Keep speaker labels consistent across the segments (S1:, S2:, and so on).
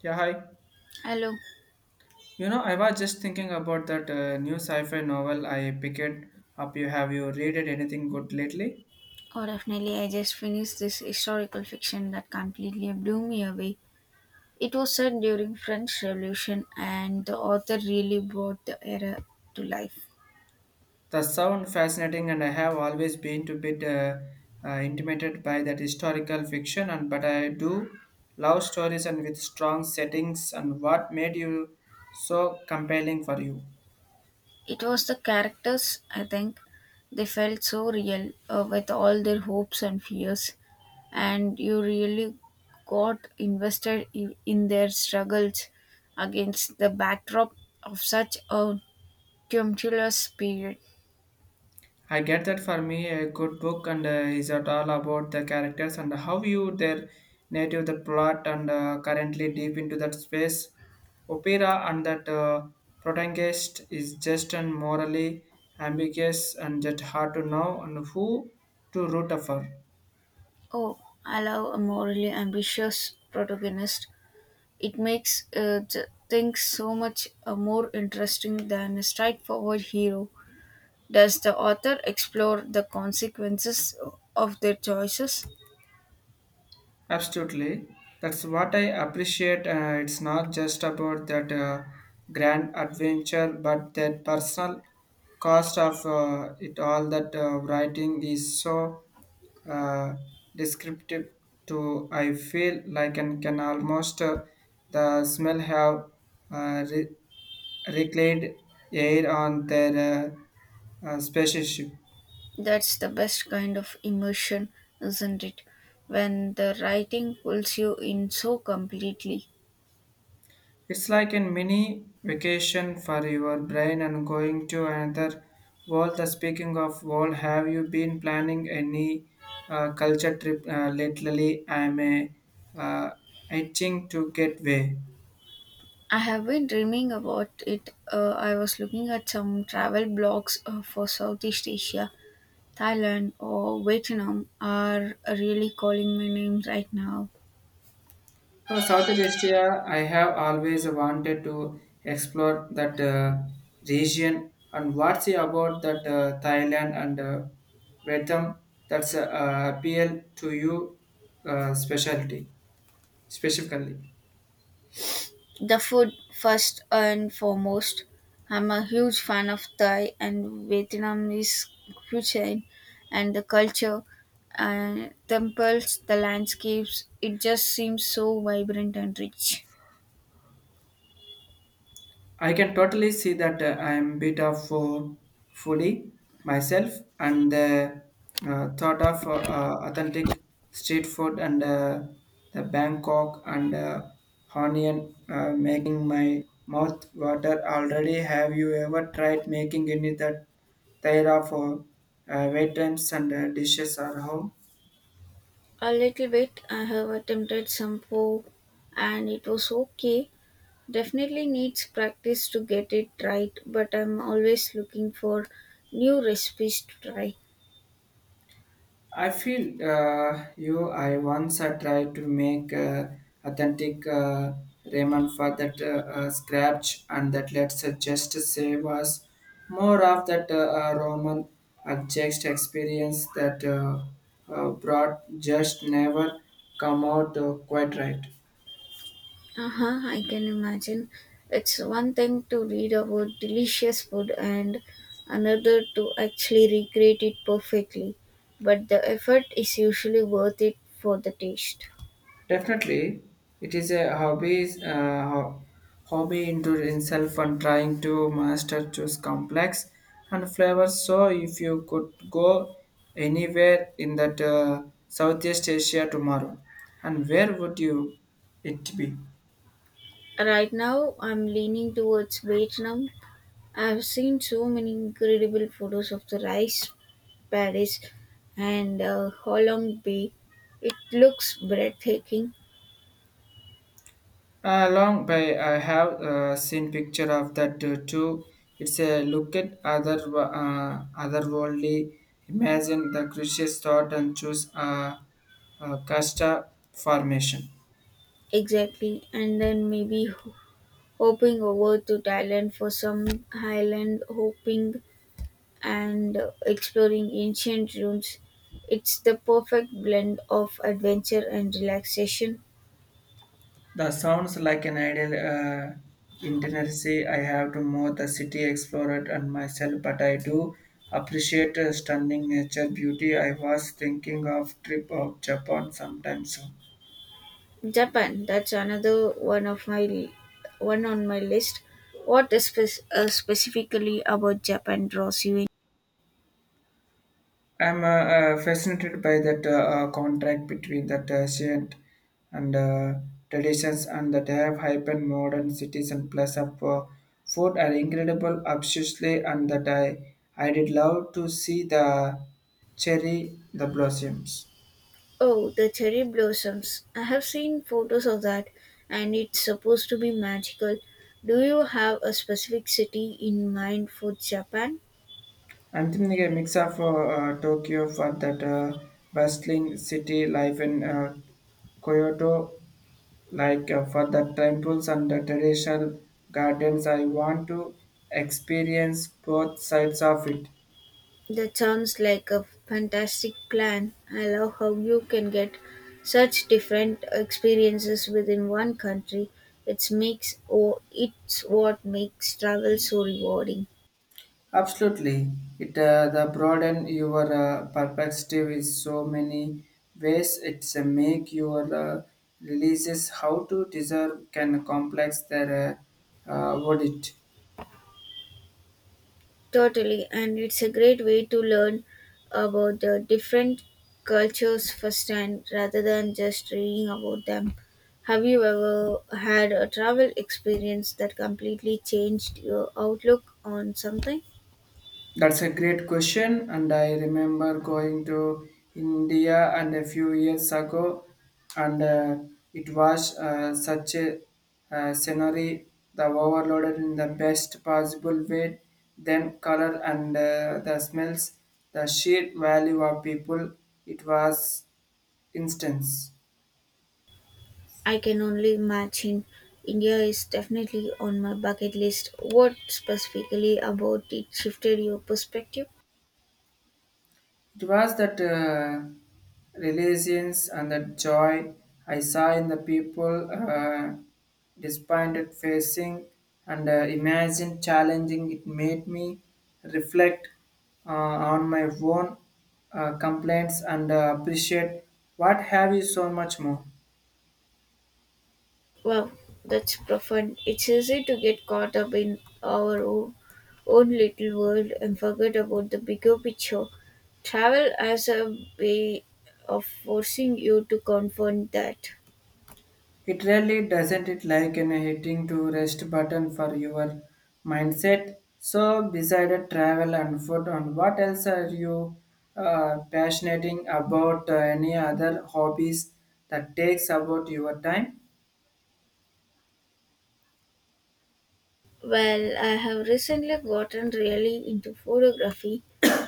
S1: Yeah, hi.
S2: Hello.
S1: You know, I was just thinking about that new sci-fi novel I picked up. You have you read it anything good lately?
S2: Oh, definitely. I just finished this historical fiction that completely blew me away. It was set during French Revolution, and the author really brought the era to life.
S1: The sound fascinating, and I have always been to bit intimidated by that historical fiction. And but I do love stories and with strong settings. And what made you so compelling for you?
S2: It was the characters, I think. They felt so real with all their hopes and fears, and you really got invested in their struggles against the backdrop of such a tumultuous period.
S1: I get that for me, a good book and is at all about the characters and how you their native the plot and currently deep into that space. Opera and that protagonist is just and morally ambiguous and just hard to know and who to root for.
S2: Oh, I love a morally ambitious protagonist. It makes things so much more interesting than a straightforward hero. Does the author explore the consequences of their choices?
S1: Absolutely. That's what I appreciate. It's not just about that grand adventure, but that personal cost of it all that writing is so uh, descriptive to I feel like and can almost the smell have uh, re- reclaimed air on their spaceship.
S2: That's the best kind of immersion, isn't it? When the writing pulls you in so completely.
S1: It's like a mini vacation for your brain and going to another world. The speaking of world, have you been planning any culture trip lately? I'm uh, itching to get away.
S2: I have been dreaming about it. I was looking at some travel blogs for Southeast Asia. Thailand or Vietnam are really calling my name right now.
S1: So South Asia, I have always wanted to explore that region. And what's it about that Thailand and Vietnam that's appeal to you specialty specifically?
S2: The food, first and foremost. I'm a huge fan of Thai and Vietnamese cuisine and the culture and temples, the landscapes. It just seems so vibrant and rich.
S1: I can totally see that I am bit of foodie myself, and the thought of authentic street food and the Bangkok and Honian making my mouth water already. Have you ever tried making any that type of items and dishes at home?
S2: A little bit, I have attempted some pho, and it was okay. Definitely needs practice to get it right, but I'm always looking for new recipes to try.
S1: I feel you. I once I tried to make authentic ramen for that scratch, and that let's just say was more of that Roman adjust experience that brought just never come out quite right.
S2: Uh-huh, I can imagine. It's one thing to read about delicious food and another to actually recreate it perfectly, but the effort is usually worth it for the taste.
S1: Definitely, it is a hobby, hobby into itself and trying to master choose complex and flavors. So, if you could go anywhere in that Southeast Asia tomorrow, and where would you it be?
S2: Right now, I'm leaning towards Vietnam. I've seen so many incredible photos of the rice Paris and Holland bay. It looks breathtaking,
S1: Long by I have seen picture of that too. It's a look at other otherworldly. Imagine the crucious thought and choose a casta formation.
S2: exactly, and then maybe hopping over to Thailand for some highland hopping and exploring ancient ruins. It's the perfect blend of adventure and relaxation.
S1: The sounds like an ideal intimacy. I have to move the city explorer and myself, but I do appreciate stunning nature beauty. I was thinking of trip of Japan sometime soon.
S2: Japan, that's another one of my one on my list. What is specifically about Japan draws you in?
S1: I'm fascinated by that contract between that ancient and traditions and that have hyper modern cities and plus up food are incredible obviously and that I did love to see the cherry the blossoms.
S2: Oh, the cherry blossoms. I have seen photos of that and it's supposed to be magical. Do you have a specific city in mind for Japan?
S1: I'm thinking a mix of Tokyo for that bustling city life in Kyoto Like for the temples and the traditional gardens, I want to experience both sides of it.
S2: That sounds like a fantastic plan. I love how you can get such different experiences within one country. It makes or it's what makes travel so rewarding.
S1: Absolutely, it the broaden your perspective is so many ways. It's make your releases how to deserve can complex their audit.
S2: Totally, and it's a great way to learn about the different cultures firsthand rather than just reading about them. Have you ever had a travel experience that completely changed your outlook on something?
S1: That's a great question, and I remember going to India and a few years ago, and it was such a scenery the overloaded in the best possible way. Then color and the smells, the sheer value of people. It was instance.
S2: I can only imagine. India is definitely on my bucket list. What specifically about it shifted your perspective?
S1: It was that resilience and that joy I saw in the people despondent facing and imagine challenging. It made me reflect uh, on my own complaints and appreciate what have you so much more.
S2: Wow, that's profound. It's easy to get caught up in own little world and forget about the bigger picture. Travel as a way of forcing you to confront that.
S1: It really doesn't it like an hitting to rest button for your mindset. So decided travel and food and what else are you passionate about any other hobbies that takes about your time?
S2: Well, I have recently gotten really into photography.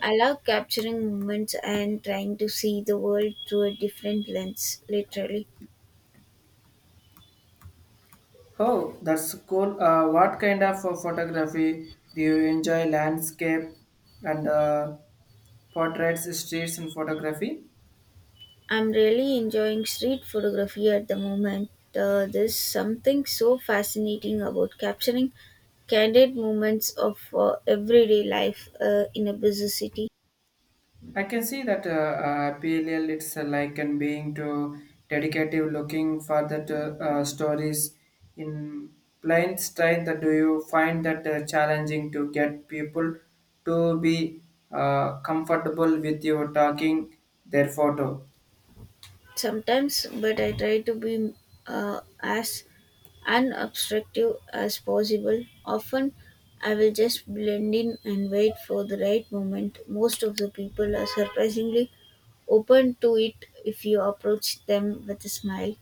S2: I love capturing moments and trying to see the world through a different lens, literally.
S1: Oh, that's cool. What kind of photography do you enjoy landscape and portraits, streets and photography?
S2: I'm really enjoying street photography at the moment. There's something so fascinating about capturing candid moments of everyday life in a busy city.
S1: I can see that PLL it's like and being to dedicative looking for that stories in plain style that do you find that challenging to get people to be comfortable with you talking their photo.
S2: Sometimes, but I try to be as unobstructive as possible. Often, I will just blend in and wait for the right moment. Most of the people are surprisingly open to it if you approach them with a smile.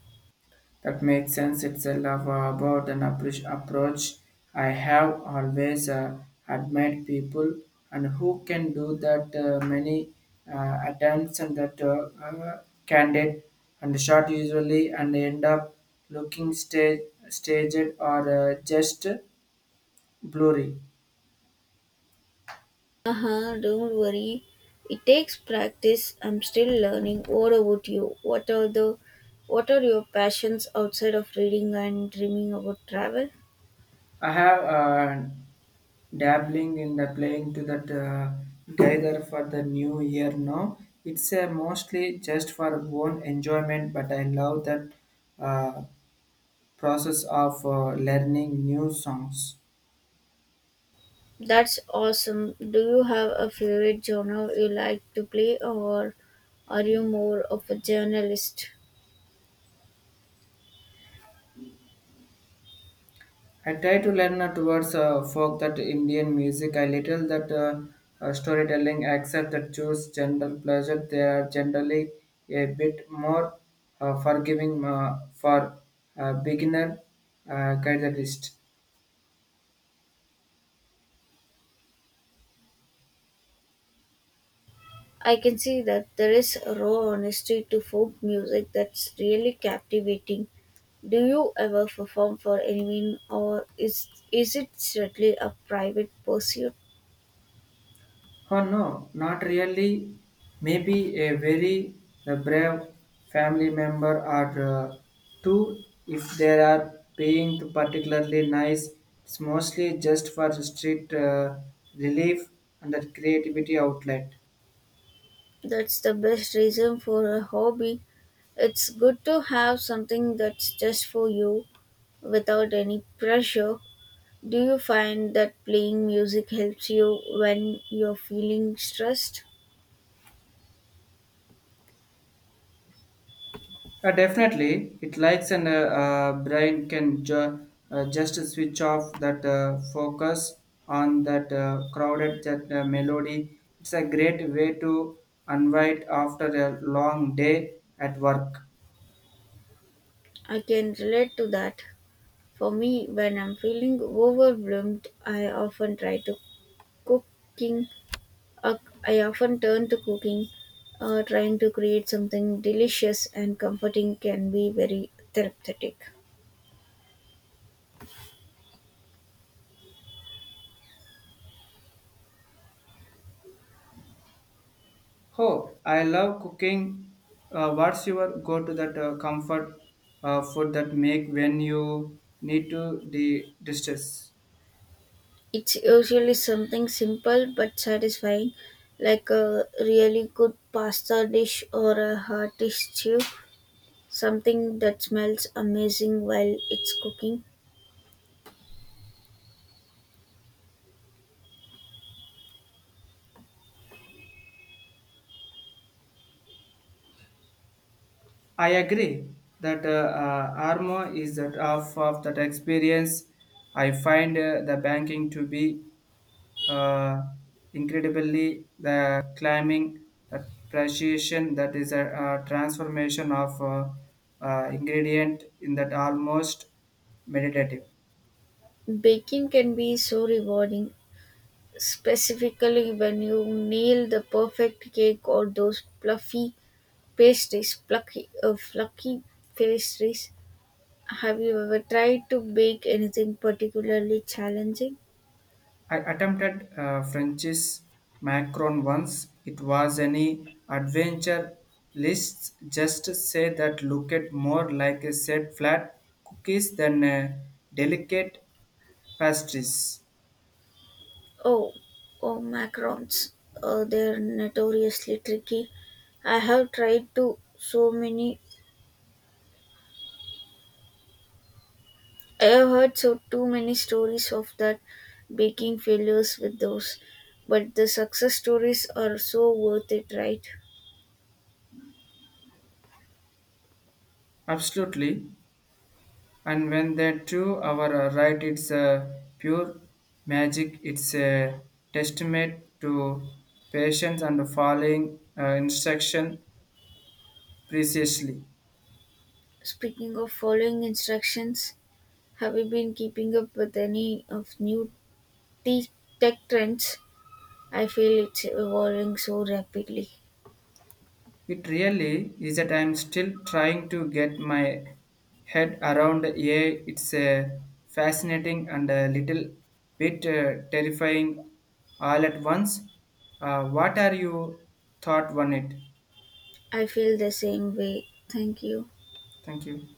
S1: That makes sense. It's a love about an approach. I have always admired people and who can do that many attempts and that candid and short usually and end up looking staged or just blurry.
S2: Uh-huh, don't worry. It takes practice. I'm still learning. What about you? What are your passions outside of reading and dreaming about travel?
S1: I have dabbling in the playing to that gather for the new year now it's mostly just for own enjoyment but I love that uh, process of learning new songs.
S2: That's awesome. Do you have a favorite genre you like to play or are you more of a journalist?
S1: I try to learn towards folk that indian music I little that storytelling except that choose general pleasure they are generally a bit more forgiving for beginner guitarist.
S2: I can see that there is a raw honesty to folk music that's really captivating. Do you ever perform for anyone or is it strictly a private pursuit?
S1: Oh no, not really. Maybe a very brave family member or two if they are being particularly nice. It's mostly just for street relief and the creativity outlet.
S2: That's the best reason for a hobby. It's good to have something that's just for you without any pressure. Do you find that playing music helps you when you're feeling stressed?
S1: Definitely, it likes and brain can just switch off that focus on that crowded that melody. It's a great way to unwind after a long day at work.
S2: I can relate to that. For me, when I'm feeling overwhelmed, I often try to cooking. Uh, I often turn to cooking. Trying to create something delicious and comforting can be very therapeutic.
S1: Oh, I love cooking. What's your go to that comfort food that make when you need to distress?
S2: It's usually something simple but satisfying, like a really good pasta dish or a hearty stew, something that smells amazing while it's cooking.
S1: I agree that Armo is that half of that experience. I find the banking to be uh, incredibly the climbing the appreciation that is a, transformation of ingredient in that almost meditative.
S2: Baking can be so rewarding, specifically when you nail the perfect cake or those fluffy fluffy pastries. Have you ever tried to bake anything particularly challenging?
S1: I attempted French's Macron once. It was any adventure lists just say that looked more like a set flat cookies than a delicate pastries.
S2: Oh, oh, macarons. They're notoriously tricky. I have tried to so many. I have heard so too many stories of that baking failures with those, but the success stories are so worth it, right?
S1: Absolutely. And when they do, our right, it's a pure magic. It's a testament to patience and following instruction precisely.
S2: Speaking of following instructions, have you been keeping up with any of new te- tech trends? I feel it's evolving so rapidly.
S1: It really is that I'm still trying to get my head around AI. It's fascinating and a little bit terrifying all at once. What are your thought on it?
S2: I feel the same way. Thank you.
S1: Thank you.